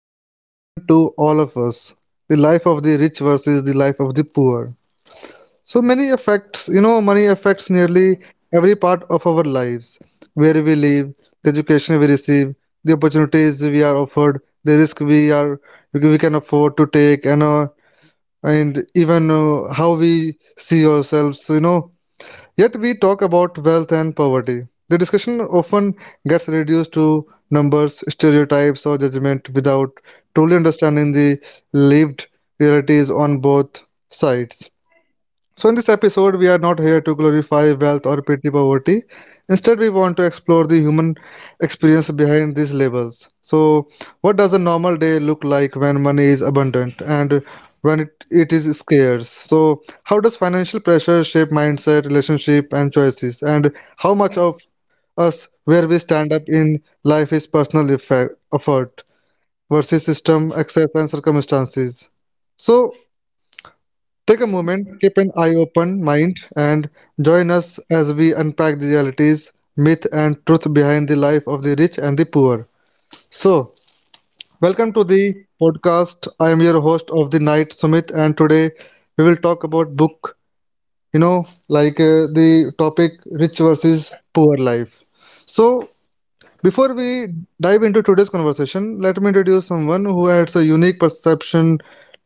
and deeply relevant to all of us. The life of the rich versus the life of the poor. So many affects, money affects nearly every part of our lives. Where we live, the education we receive, the opportunities we are offered, the risk we can afford to take, and even how we see ourselves. Yet we talk about wealth and poverty. The discussion often gets reduced to numbers, stereotypes, or judgment without truly understanding the lived realities on both sides. So, in this episode, we are not here to glorify wealth or pity poverty. Instead, we want to explore the human experience behind these labels. So, what does a normal day look like when money is abundant and when it is scarce? So, how does financial pressure shape mindset, relationship, and choices? And how much of us where we stand up in life is personal effort versus system, access, and circumstances? So, take a moment, keep an eye open mind, and join us as we unpack the realities, myth, and truth behind the life of the rich and the poor. So, welcome to the podcast. I am your host of the night, Sumit, and today we will talk about book. You know, the topic rich versus poor life. So, before we dive into today's conversation, let me introduce someone who adds a unique perception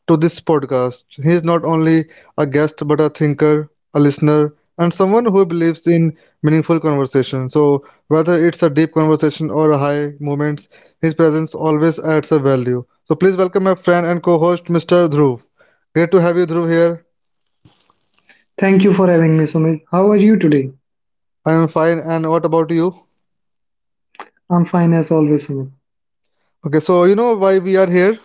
to this podcast. He is not only a guest but a thinker, a listener, and someone who believes in meaningful conversation. So, whether it's a deep conversation or a high moments, his presence always adds a value. So, please welcome my friend and co-host, Mr. Dhruv. Great to have you, Dhruv, here. Thank you for having me, Sumit. How are you today? I am fine, and what about you? I'm fine as always, Sumit. Okay, so you know why we are here?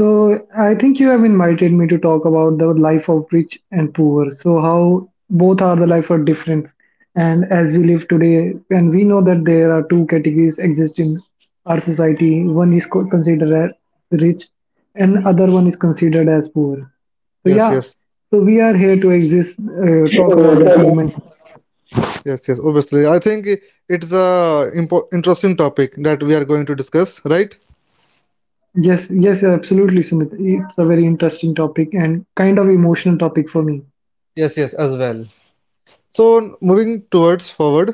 So, I think you have invited me to talk about the life of rich and poor. So, how both are the life are different. And as we live today, and we know that there are two categories exist in our society. One is considered as rich, and other one is considered as poor. So Yes, yeah, yes. so we are here to talk about that moment. Yes, yes, obviously. I think it's a interesting topic that we are going to discuss, right? Yes, yes, absolutely, Sumit. It's a very interesting topic and kind of emotional topic for me. Yes, yes, as well. So moving towards forward,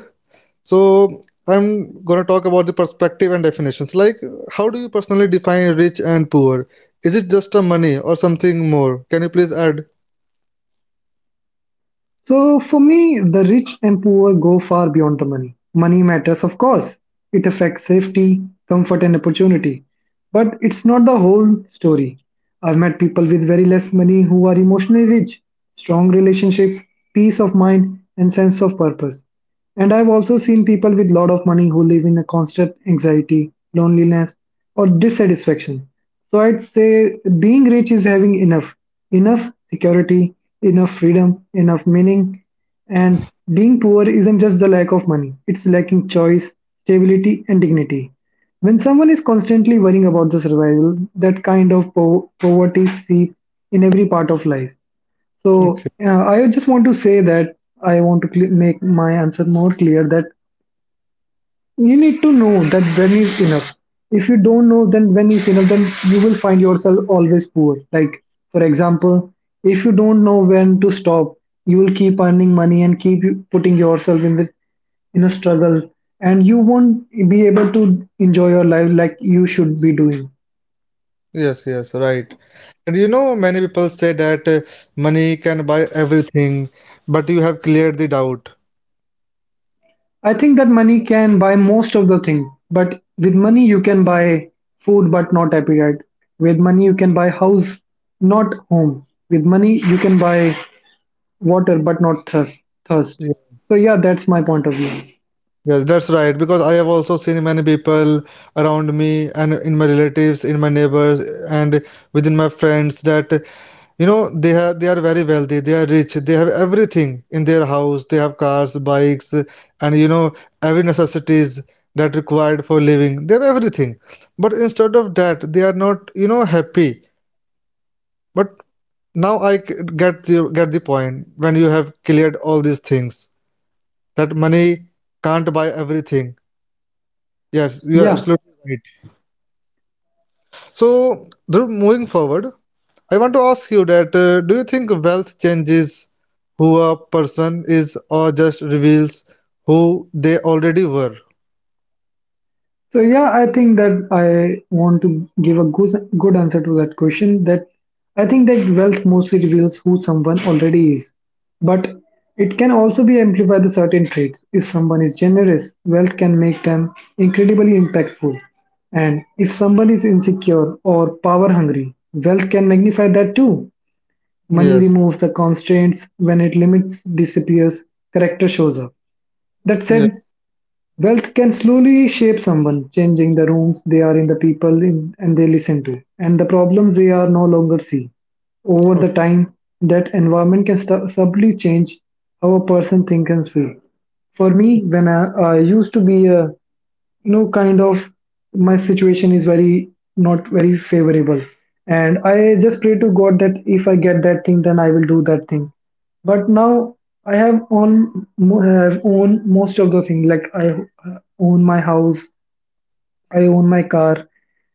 so I'm gonna talk about the perspective and definitions. Like, how do you personally define rich and poor? Is it just a money or something more? Can you please add? So for me, the rich and poor go far beyond the money. Money matters, of course. It affects safety, comfort, and opportunity. But it's not the whole story. I've met people with very less money who are emotionally rich, strong relationships, peace of mind, and sense of purpose. And I've also seen people with lot of money who live in a constant anxiety, loneliness, or dissatisfaction. So I'd say being rich is having enough, enough security, enough freedom, enough meaning. And being poor isn't just the lack of money, it's lacking choice, stability, and dignity. When someone is constantly worrying about the survival, that kind of poverty seeps in every part of life. So Okay. I just want to say that I want to cle make my answer more clear that you need to know that when is enough. If you don't know then when is enough, then you will find yourself always poor. Like, for example, if you don't know when to stop, you will keep earning money and keep putting yourself in a struggle, and you won't be able to enjoy your life like you should be doing. Yes, yes, right. And many people say that money can buy everything, but you have cleared the doubt. I think that money can buy most of the things, but with money you can buy food but not appetite. With money you can buy house, not home. With money you can buy water but not thirst. So Yes. yeah, that's my point of view. Yes, that's right. Because I have also seen many people around me and in my relatives, in my neighbors, and within my friends that they are very wealthy, they are rich, they have everything in their house. They have cars, bikes, and every necessities that required for living. They have everything, but instead of that, they are not happy. But now I get the point when you have cleared all these things that money can't buy everything. Yes, you're Yeah, absolutely right. So, Dhruv, moving forward, I want to ask you that do you think wealth changes who a person is or just reveals who they already were? so yeah, I think that I want to give a good answer to that question. That I think that wealth mostly reveals who someone already is, but it can also be amplified the certain traits. If someone is generous, wealth can make them incredibly impactful, and if someone is insecure or power hungry, wealth can magnify that too. Money Yes, removes the constraints. When it limits disappears, character shows up. That yes, said, wealth can slowly shape someone, changing the rooms they are in, the people in, and they listen to, and the problems they are no longer see. Over okay, the time, that environment can subtly change how a person thinks and feels. For me, when I used to be a no kind of, my situation is very not very favorable, and I just pray to god that if I get that thing then I will do that thing. But now I have own most of the thing, like I own my house, I own my car,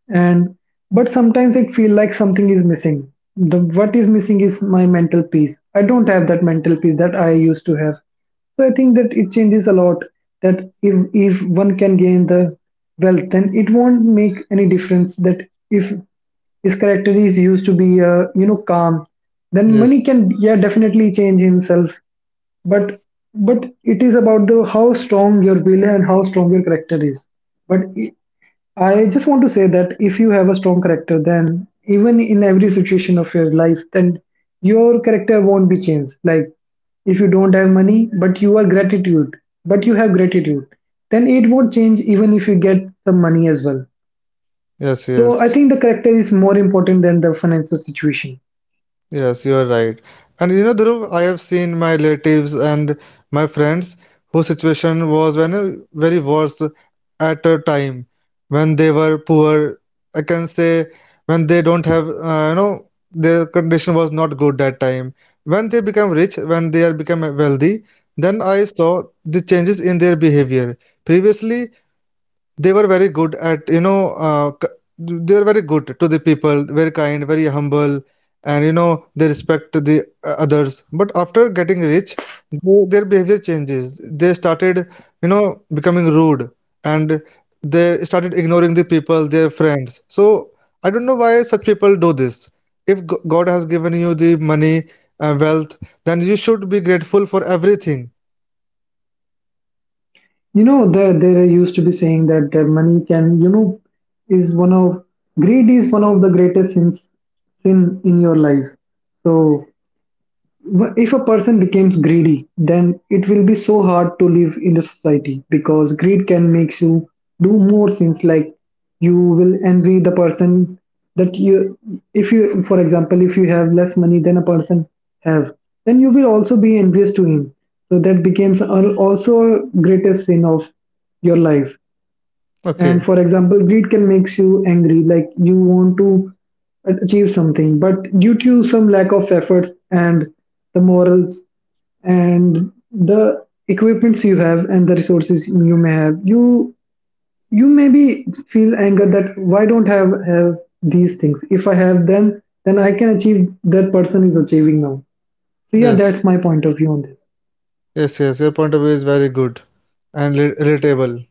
and but sometimes it feel like something is missing. The what is missing is my mental peace. I don't have that mental peace that I used to have. So I think that it changes a lot. That if one can gain the wealth, then it won't make any difference. That if his character is used to be you know, calm, then yes, money can yeah definitely change himself. But it is about the how strong your will and how strong your character is. But i- I just want to say that if you have a strong character, then even in every situation of your life, then your character won't be changed. Like if you don't have money, but you have gratitude, then it won't change even if you get some money as well. yes, So I yes. think the character is more important than the financial situation. Yes, you are right. And Dhruv, I have seen my relatives and my friends whose situation was when very worse at a time when they were poor. I can say when they don't have, their condition was not good that time. When they become rich, when they are become wealthy, then I saw the changes in their behavior. Previously, they were very good at you know c- they were very good to the people, very kind, very humble, and they respect the others, but after getting rich, their behavior changes. They started becoming rude, and they started ignoring the people, their friends. So I don't know why such people do this. If God has given you the money, wealth, then you should be grateful for everything. You know, there used to be saying that the money can, you know, is one of, greed is one of the greatest sin in your life. So if a person becomes greedy, then it will be so hard to live in the society, because greed can make you do more things. Like you will envy the person that you, if you, for example, if you have less money than a person have, then you will also be envious to him. So that becomes also greatest sin of your life. And Okay, for example, greed can makes you angry, like you want to achieve something, but due to some lack of efforts and the morals and the equipments you have and the resources you may have, you maybe feel anger that why don't I have these things? If I have them, then I can achieve that person is achieving now. So yeah, yes. that's my point of view on this. Yes, yes, your point of view is very good and relatable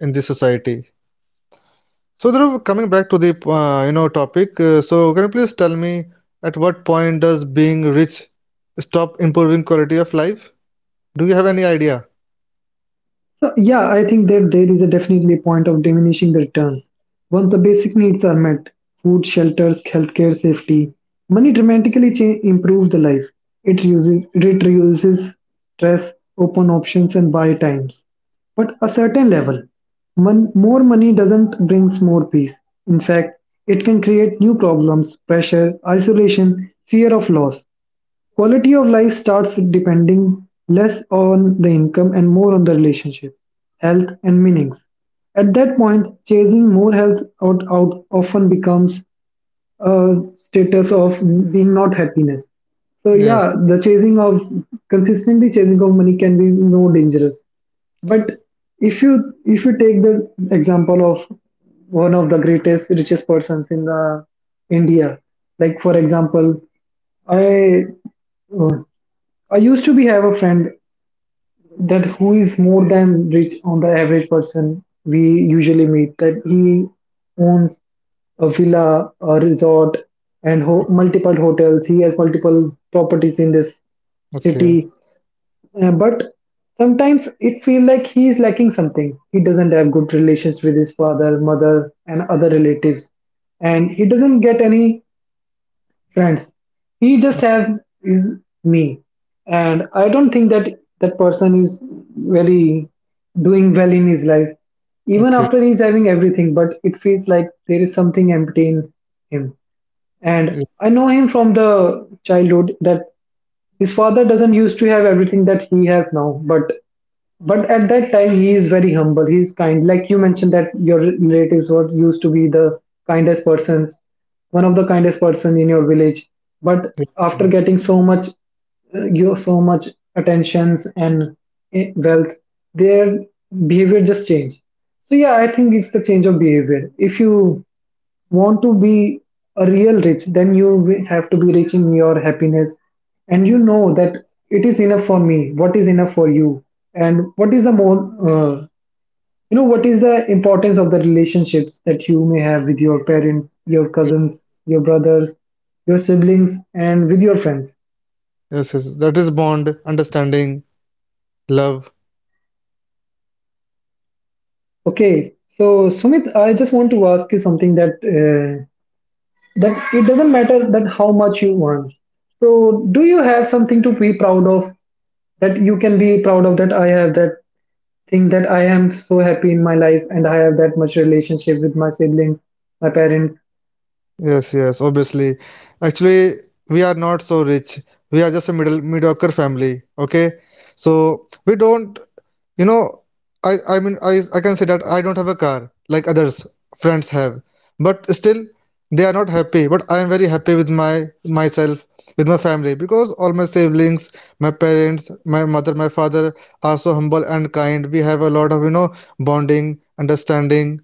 in this society. So, Dhruv, coming back to the topic, so can you please tell me at what point does being rich stop improving quality of life? Do you have any idea? So, yeah, I think that there is a definitely a point of diminishing the returns. Once the basic needs are met, food, shelters, healthcare, safety, money dramatically improves the life. It reduces stress, open options, and buy times. But a certain level, more money doesn't brings more peace. In fact, it can create new problems, pressure, isolation, fear of loss. Quality of life starts depending less on the income and more on the relationship, health, and meanings. At that point, chasing more health out often becomes uh, status of being not happiness. So Yes. yeah, the chasing of consistently chasing of money can be more dangerous. But if you take the example of one of the greatest richest persons in the India, like for example, I uh, I used to be have a friend that who is more than rich on the average person we usually meet, that he owns a villa, a resort, and multiple hotels. He has multiple properties in this Okay. city. But sometimes it feels like he is lacking something. He doesn't have good relations with his father, mother, and other relatives, and he doesn't get any friends. He just has is me, and I don't think that that person is very doing well in his life, even Okay. after he's having everything. But it feels like there is something empty in him. And Ye- I know him from the childhood, that his father doesn't used to have everything that he has now, but at that time he is very humble. He is kind. Like you mentioned that your relatives were used to be the kindest persons, one of the kindest person in your village. But ye- after getting so much you so much attentions and wealth, their behavior just changed. So yeah, I think it's the change of behavior. If you want to be a real rich, then you will have to be rich in your happiness. And you know that it is enough for me, what is enough for you, and what is the more, you know, what is the importance of the relationships that you may have with your parents, your ye- cousins, your brothers, your siblings, and with your friends. Yes, yes. That is bond, understanding, love. Okay, so Sumit, I just want to ask you something, that that it doesn't matter that how much you earn. So, do you have something to be proud of, that you can be proud of, that I have that thing that I am so happy in my life and I have that much relationship with my siblings, my parents. Yes, yes, obviously. Actually, we are not so rich. We are just a middle mediocre family. Okay, so we don't, you know, I mean I can say that I don't have a car like others friends have, but still they are not happy. But I am very happy with my myself, with my family, because all my siblings, my parents, my mother, my father are so humble and kind. We have a lot of bonding, understanding.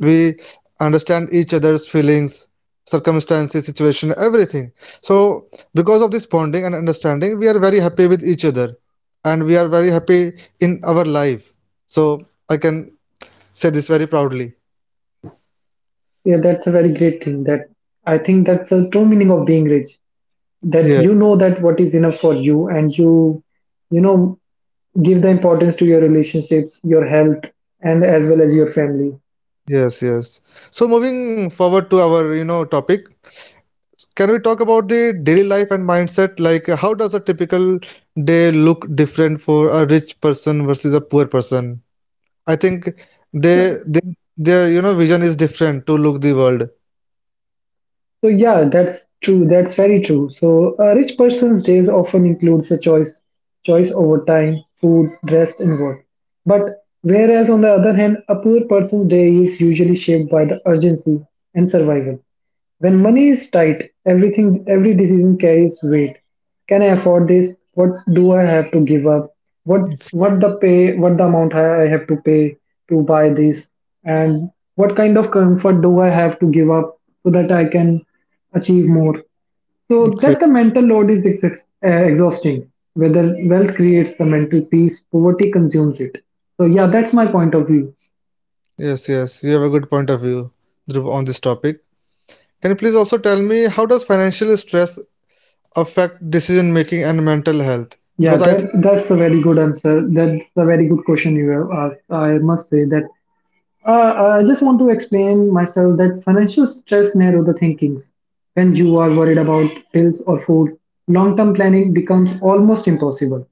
We understand each other's feelings, circumstances, situation, everything. So because of this bonding and understanding, we are very happy with each other, and we are very happy in our life. So I can say this very proudly. Yeah, that's a very great thing. That I think that's the true meaning of being rich. That Yes, you know that what is enough for you, and you know, give the importance to your relationships, your health, and as well as your family. yes, yes. So moving forward to our topic, can we talk about the daily life and mindset? Like how does a typical day look different for a rich person versus a poor person? I think they their vision is different to look the world. So yeah, that's true. That's very true. So a rich person's days often includes a choice, choice over time, food, rest, and work. But whereas on the other hand, a poor person's day is usually shaped by the urgency and survival. When money is tight, every decision carries weight. Can I afford this? What do I have to give up? What what the amount I have to pay to buy this? And what kind of comfort do I have to give up so that I can achieve more? So Okay. that the mental load is exhausting. Whether wealth creates the mental peace, poverty consumes it. So yeah, that's my point of view. Yes, yes, you have a good point of view, Dhruv, on this topic. Can you please also tell me how does financial stress affect decision making and mental health? Yeah, Because I that's a very good answer. That's a very good question you have asked. I must say that I just want to explain myself that financial stress narrow the thinkings. When you are worried about bills or foods, long-term planning becomes almost impossible.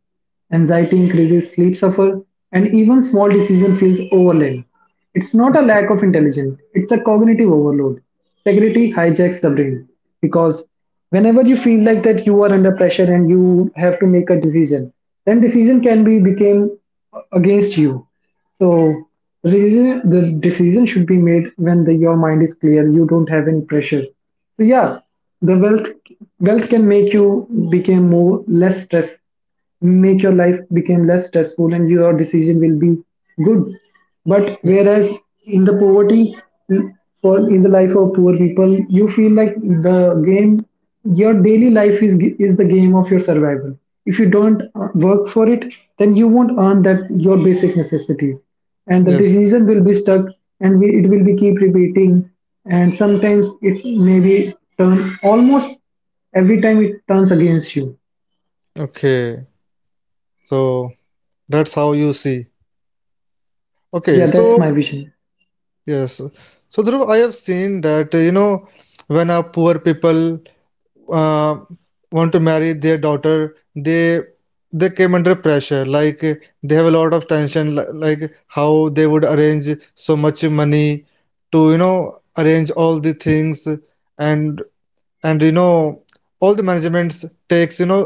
Anxiety increases, sleep suffer, and even small decision feels overwhelming. It's not a lack of intelligence; it's a cognitive overload. Security hijacks the brain because whenever you feel like that you are under pressure and you have to make a decision, then decision can be became against you. So the decision should be made when your mind is clear. You don't have any pressure. So yeah, the wealth can make you become more less stress, make your life become less stressful, and your decision will be good. But think whereas in the poverty, for in the life of poor people, you feel like the game, your daily life is the game of your survival. If you don't work for it, then you won't earn that your basic necessities, and the yes, decision will be stuck, and we, it will be keep repeating, and sometimes it maybe turn almost every time it turns against you. okay, so that's how you see. Okay, Yeah, that's so my vision. yes, so Dhruv, I have seen that when a poor people uh, want to marry their daughter, they came under pressure, like they have a lot of tension, like how they would arrange so much money to arrange all the things, and and all the managements takes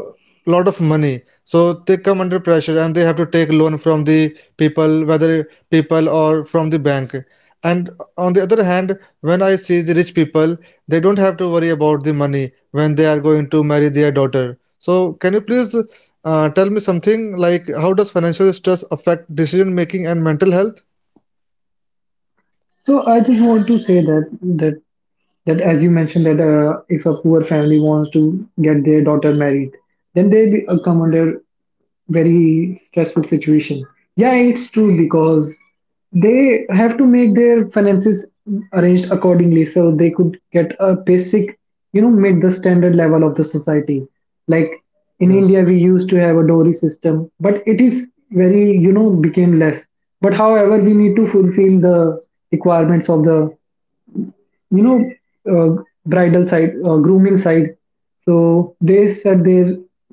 lot of money, so they come under pressure and they have to take loan from the people, whether people or from the bank. And on the other hand, when I see the rich people, they don't have to worry about the money when they are going to marry their daughter. So can you please tell me something, like how does financial stress affect decision making and mental health? So I just want to say that that as you mentioned that if a poor family wants to get their daughter married, then they come under very stressful situation. Yeah, it's true because they have to make their finances arranged accordingly so they could get a basic, you know, meet the standard level of the society. Like in Yes, India, we used to have a dowry system, but it is very, you know, became less. But however, we need to fulfill the requirements of the you know bridal side grooming side. So they said their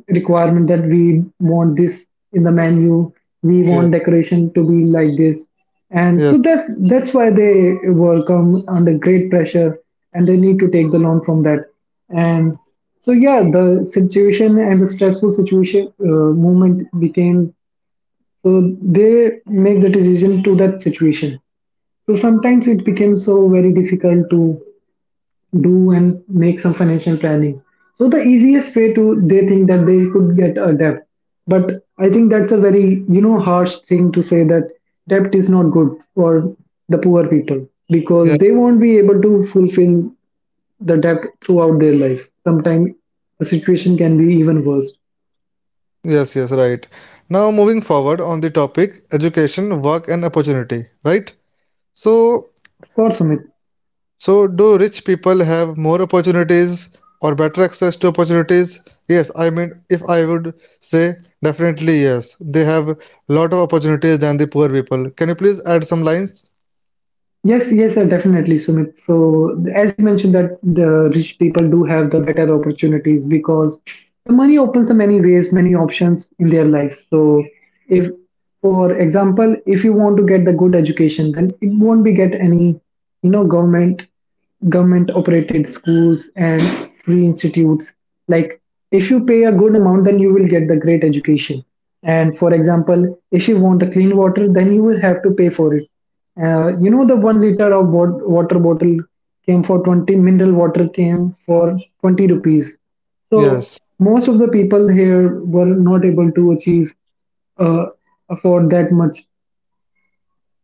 requirement that we want this in the menu, we yes, want decoration to be like this, and so yes, that's why they were come under great pressure, and they need to take the loan from that. And so yeah, the situation and the stressful situation moment became, so they make the decision to that situation. So sometimes it became so very difficult to do and make some financial planning. So the easiest way to they think that they could get a debt. But I think that's a very, you know, harsh thing to say that debt is not good for the poor people because they yes. won't be able to fulfill the debt throughout their life. Sometimes the situation can be even worse. Yes, yes, right. Now moving forward on the topic education, work and opportunity, right? So, Of course, Amit. so do rich people have more opportunities or better access to opportunities? Yes, I mean if I would say definitely yes. They have lot of opportunities than the poor people. Can you please add some lines? Yes, yes, definitely, Sumit. So, as you mentioned, that the rich people do have the better opportunities because the money opens the many ways, many options in their lives. So, if, for example, if you want to get the good education, then it won't be get any, you know, government operated schools and free institutes. Like if you pay a good amount then you will get the great education. And for example, if you want the clean water then you will have to pay for it. You know, the 1 liter of water bottle came for 20, mineral water came for 20 rupees. So Yes. most of the people here were not able to achieve uh, afford that much,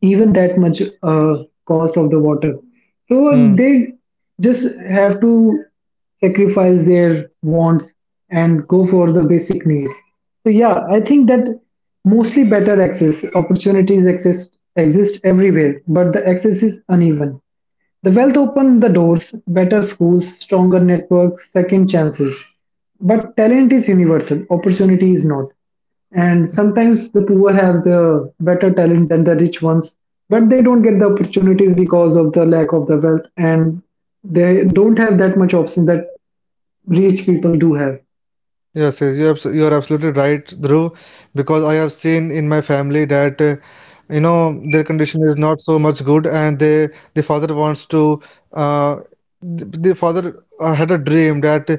even that much cost of the water. So Hmm. they just have to sacrifice their wants and go for the basic needs. So yeah, I think that mostly better access opportunities exist everywhere, but the access is uneven. The wealth opened the doors, better schools, stronger networks, second chances. But talent is universal, opportunity is not. And sometimes the poor have the better talent than the rich ones, but they don't get the opportunities because of the lack of the wealth, and they don't have that much options that rich people do have. Yes, yes, you are absolutely right, Dhruv, because I have seen in my family that their condition is not so much good, and the father wants to uh, the father had a dream that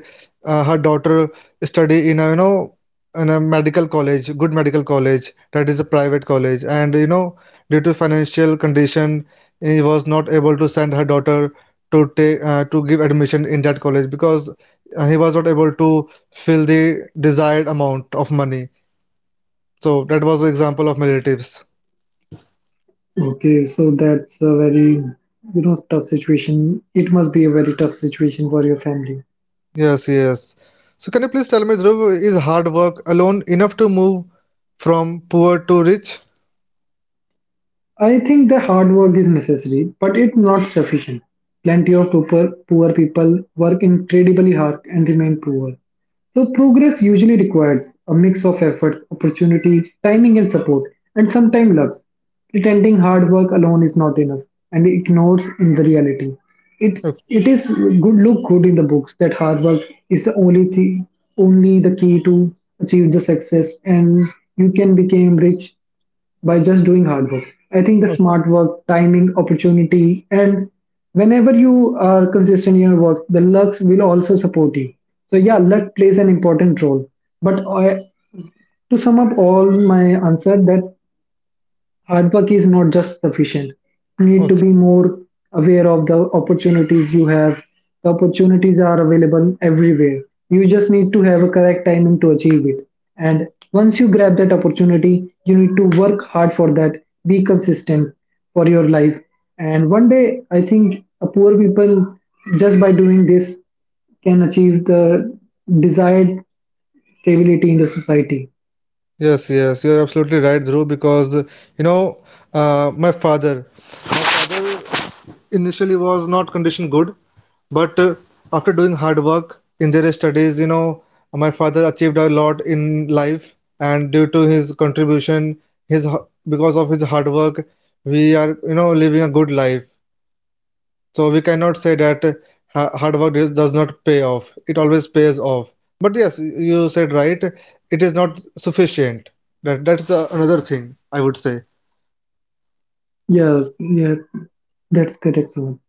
her daughter study in a in a medical college, good medical college, that is a private college, and due to financial condition he was not able to send her daughter to take, to give admission in that college, because he was not able to fill the desired amount of money. So that was the example of my relatives. Okay, so that's a very, you know, tough situation. It must be a very tough situation for your family. Yes, yes. So can you please tell me, Dhruv, is hard work alone enough to move from poor to rich? I think the hard work is necessary, but it's not sufficient. Plenty of poor people work incredibly hard and remain poor. So progress usually requires a mix of efforts, opportunity, timing and support, and sometimes luck. Pretending hard work alone is not enough and it ignores in the reality. It Okay, it is good look good in the books that hard work is the only thing, only the key to achieve the success, and you can become rich by just doing hard work. I think the okay, smart work, timing, opportunity, and whenever you are consistent in your work, the lucks will also support you. So yeah, luck plays an important role. But I, to sum up all my answer, that hard work is not just sufficient. You need to be okay. more aware of the opportunities you have. The opportunities are available everywhere. You just need to have a correct timing to achieve it. And once you grab that opportunity, you need to work hard for that. Be consistent for your life. And one day, I think a poor people just by doing this can achieve the desired stability in the society. Yes, yes, you're absolutely right, Dhruv, because you know, my father initially was not condition good, but after doing hard work in their studies, my father achieved a lot in life, and due to his contribution, his because of his hard work we are living a good life. So we cannot say that hard work does not pay off. It always pays off. But yes, you said right, it is not sufficient. That's another thing I would say. Yeah, yeah, that's correct, Suman.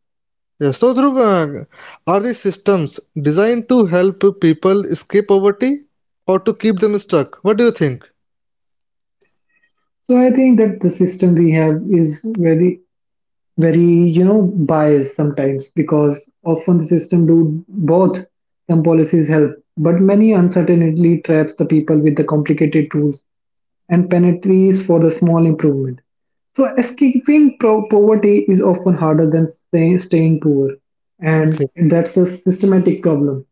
Yeah, so Dhruv, are these systems designed to help people escape poverty or to keep them stuck? What do you think? So I think that the system we have is very, very, you know, biased sometimes because often the system do both. Some policies help, but many uncertainty traps the people with the complicated tools and penalties for the small improvement. So escaping poverty is often harder than staying poor, and Okay, that's a systematic problem.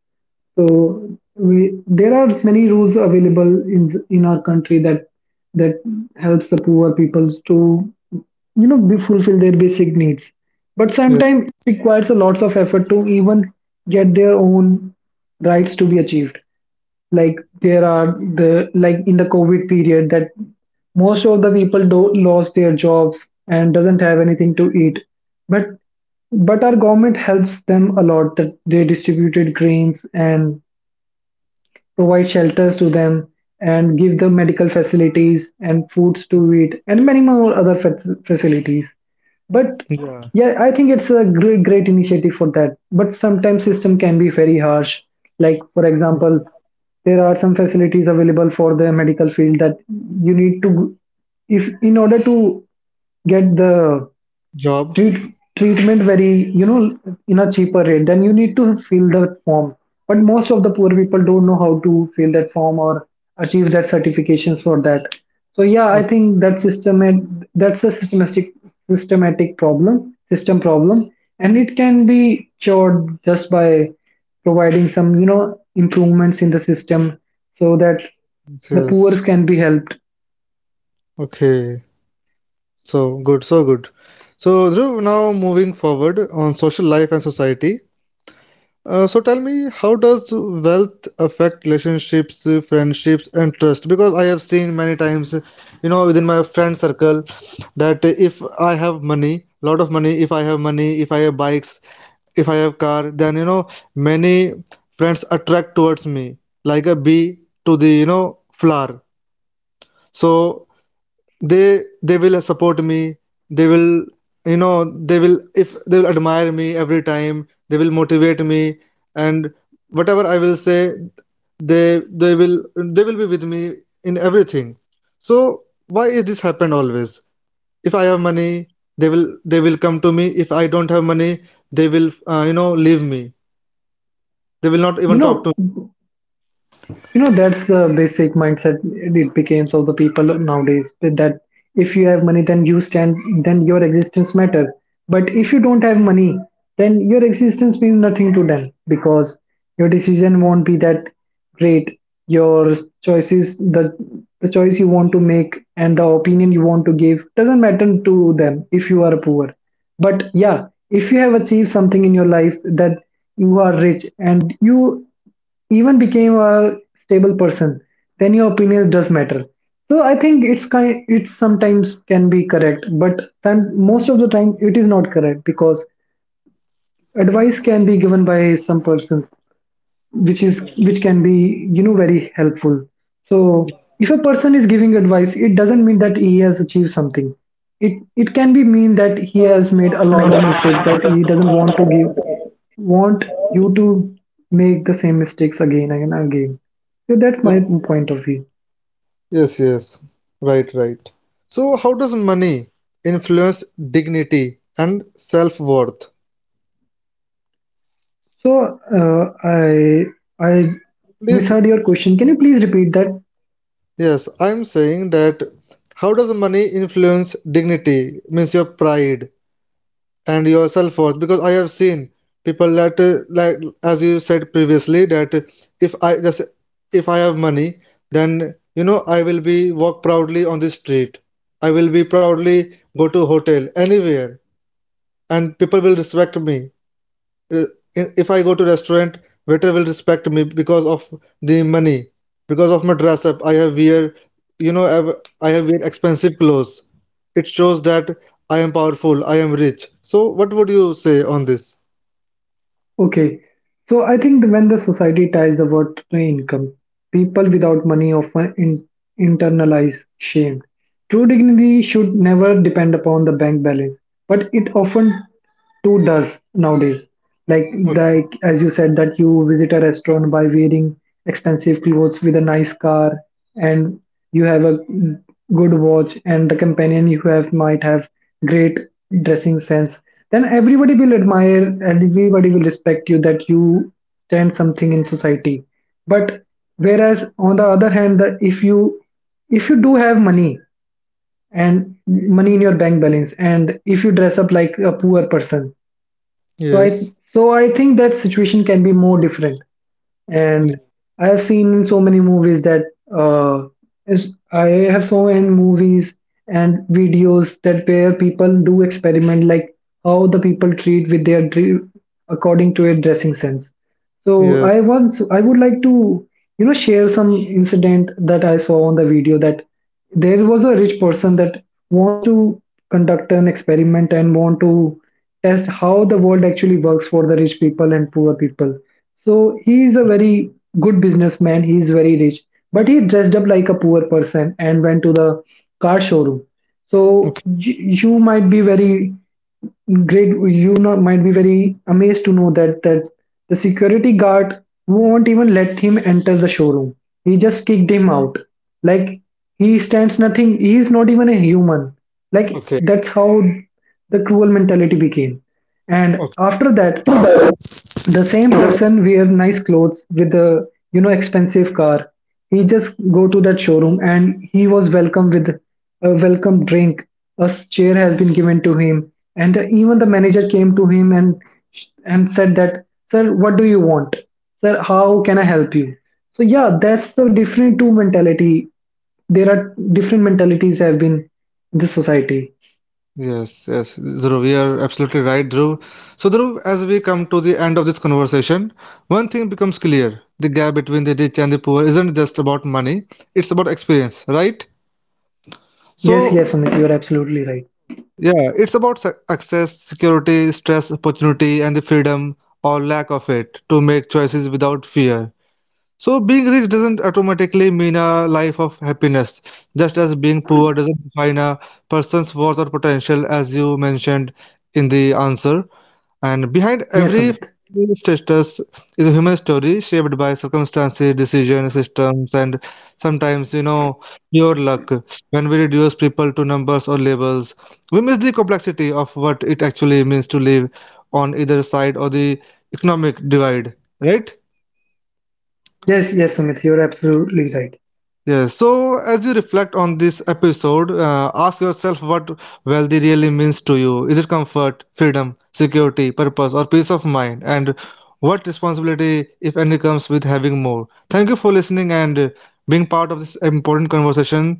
So we, there are many rules available in our country that that helps the poor peoples to, you know, be fulfill their basic needs. But yeah, sometimes it requires a lots of effort to even get their own rights to be achieved. Like there are the, like in the COVID period that most of the people do, lost their jobs and doesn't have anything to eat. But our government helps them a lot that they distributed grains and provide shelters to them, and give them medical facilities and foods to eat, and many more other facilities. But yeah. yeah, I think it's a great initiative for that. But sometimes system can be very harsh. Like for example, there are some facilities available for the medical field that you need to, if in order to get the Job. Treatment very, you know, in a cheaper rate, then you need to fill the form. But most of the poor people don't know how to fill that form or achieve that certification for that. So yeah, I Okay, think that system, and that's a systematic problem, system problem, and it can be cured just by providing some, you know, improvements in the system so that the yes. poor can be helped. Okay, so good, so good. So Dhruv, now moving forward on social life and society. So tell me, how does wealth affect relationships, friendships, and trust? Because I have seen many times, within my friend circle, that if I have money, lot of money, if I have money, if I have bikes, if I have car, then many friends attract towards me like a bee to the flower. So they will support me, they will, they will, if they will admire me every time, they will motivate me, and whatever I will say, they they will they will be with me in everything. So why is this happen always? If I have money, they will come to me. If I don't have money, they will, leave me, they will not You even talk know, to that's the basic mindset it becomes of the people nowadays that if you have money then you stand, then your existence matter. But if you don't have money then your existence means nothing to them, because your decision won't be that great, your choices, the choice you want to make and the opinion you want to give doesn't matter to them if you are poor. But yeah, if you have achieved something in your life that you are rich and you even became a stable person, then your opinion does matter. So I think it's kind, it sometimes can be correct but then most of the time it is not correct because advice can be given by some persons which is, which can be, you know, very helpful. So if a person is giving advice it doesn't mean that he has achieved something. It can be mean that he has made a lot of mistake that he doesn't want to give, want you to make the same mistakes again and again. So that's my me. point of view. Yes, yes. Right, right. So, how does money influence dignity and self worth? So I Please, misheard your question. Can you please repeat that? yes, I'm saying that how does money influence dignity, means your pride and your self worth? Because I have seen people that, like, as you said previously, that if I just if I have money, then I will be walk proudly on the street. I will be proudly go to hotel anywhere, and people will respect me. Uh, If I go to restaurant, waiter will respect me because of the money, because of my dress up. I have wear, you know, I have wear expensive clothes. It shows that I am powerful, I am rich. So what would you say on this? Okay. So I think when the society ties the word to income, people without money often internalize shame. True dignity should never depend upon the bank balance, but it often too does nowadays. Like as you said that you visit a restaurant by wearing expensive clothes with a nice car, and you have a good watch, and the companion you have might have great dressing sense, then everybody will admire and everybody will respect you that you stand something in society. But whereas on the other hand that if you, if you do have money and money in your bank balance and if you dress up like a poor person, so i Yes. so I think that situation can be more different. And Ye- I have seen in so many movies that uh, I have seen many movies and videos that where people do experiment, like how the people treat with their according to a dressing sense. So Yeah. I, once I would like to, you know, share some incident that I saw on the video, that there was a rich person that wants to conduct an experiment and want to test how the world actually works for the rich people and poor people. So he is a very good businessman. He is very rich, but he dressed up like a poor person and went to the car showroom. So Okay. you might be very great. You not, might be very amazed to know that that the security guard won't even let him enter the showroom. He just kicked him out. Like he stands nothing. He is not even a human. Like Okay. that's how the cruel mentality became. And Okay. after that, the same person wear nice clothes with a, you know, expensive car, he just go to that showroom, and he was welcome with a welcome drink, a chair has been given to him, and even the manager came to him and said that, sir, what do you want, sir, how can I help you. So yeah, that's the different two mentality, there are different mentalities have been in this society. Yes, yes, Dhruv, you are absolutely right, Dhruv. So, Dhruv, as we come to the end of this conversation, one thing becomes clear. The gap between the rich and the poor isn't just about money, it's about experience, right? Yes, yes, So, Sumit, you're absolutely right. yeah, it's about access, security, stress, opportunity, and the freedom or lack of it to make choices without fear. So, being rich doesn't automatically mean a life of happiness, just as being poor doesn't define a person's worth or potential, as you mentioned in the answer. And behind Yes, every Sumit. status is a human story shaped by circumstances, decision systems, and sometimes, pure luck. When we reduce people to numbers or labels, we miss the complexity of what it actually means to live on either side of the economic divide, right? Yes, yes, Sumit, you're absolutely right. Yeah, so as you reflect on this episode, ask yourself what wealthy really means to you. Is it comfort, freedom, security, purpose, or peace of mind? And what responsibility, if any, comes with having more? Thank you for listening, and being part of this important conversation.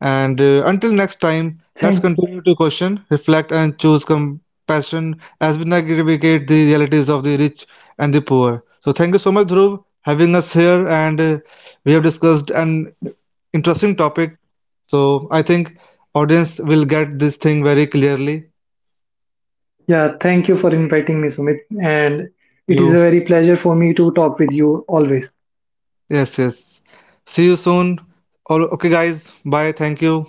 And until next time, let's Thank— continue to question, reflect, and choose compassion as we navigate the realities of the rich and the poor. So, thank you so much, Dhruv, having us here. And we have discussed an interesting topic. So I think audience will get this thing very clearly. yeah, thank you for inviting me, Sumit. And it is a You very pleasure for me to talk with you always. yes, yes. See you soon. All, okay guys. Bye. Thank you.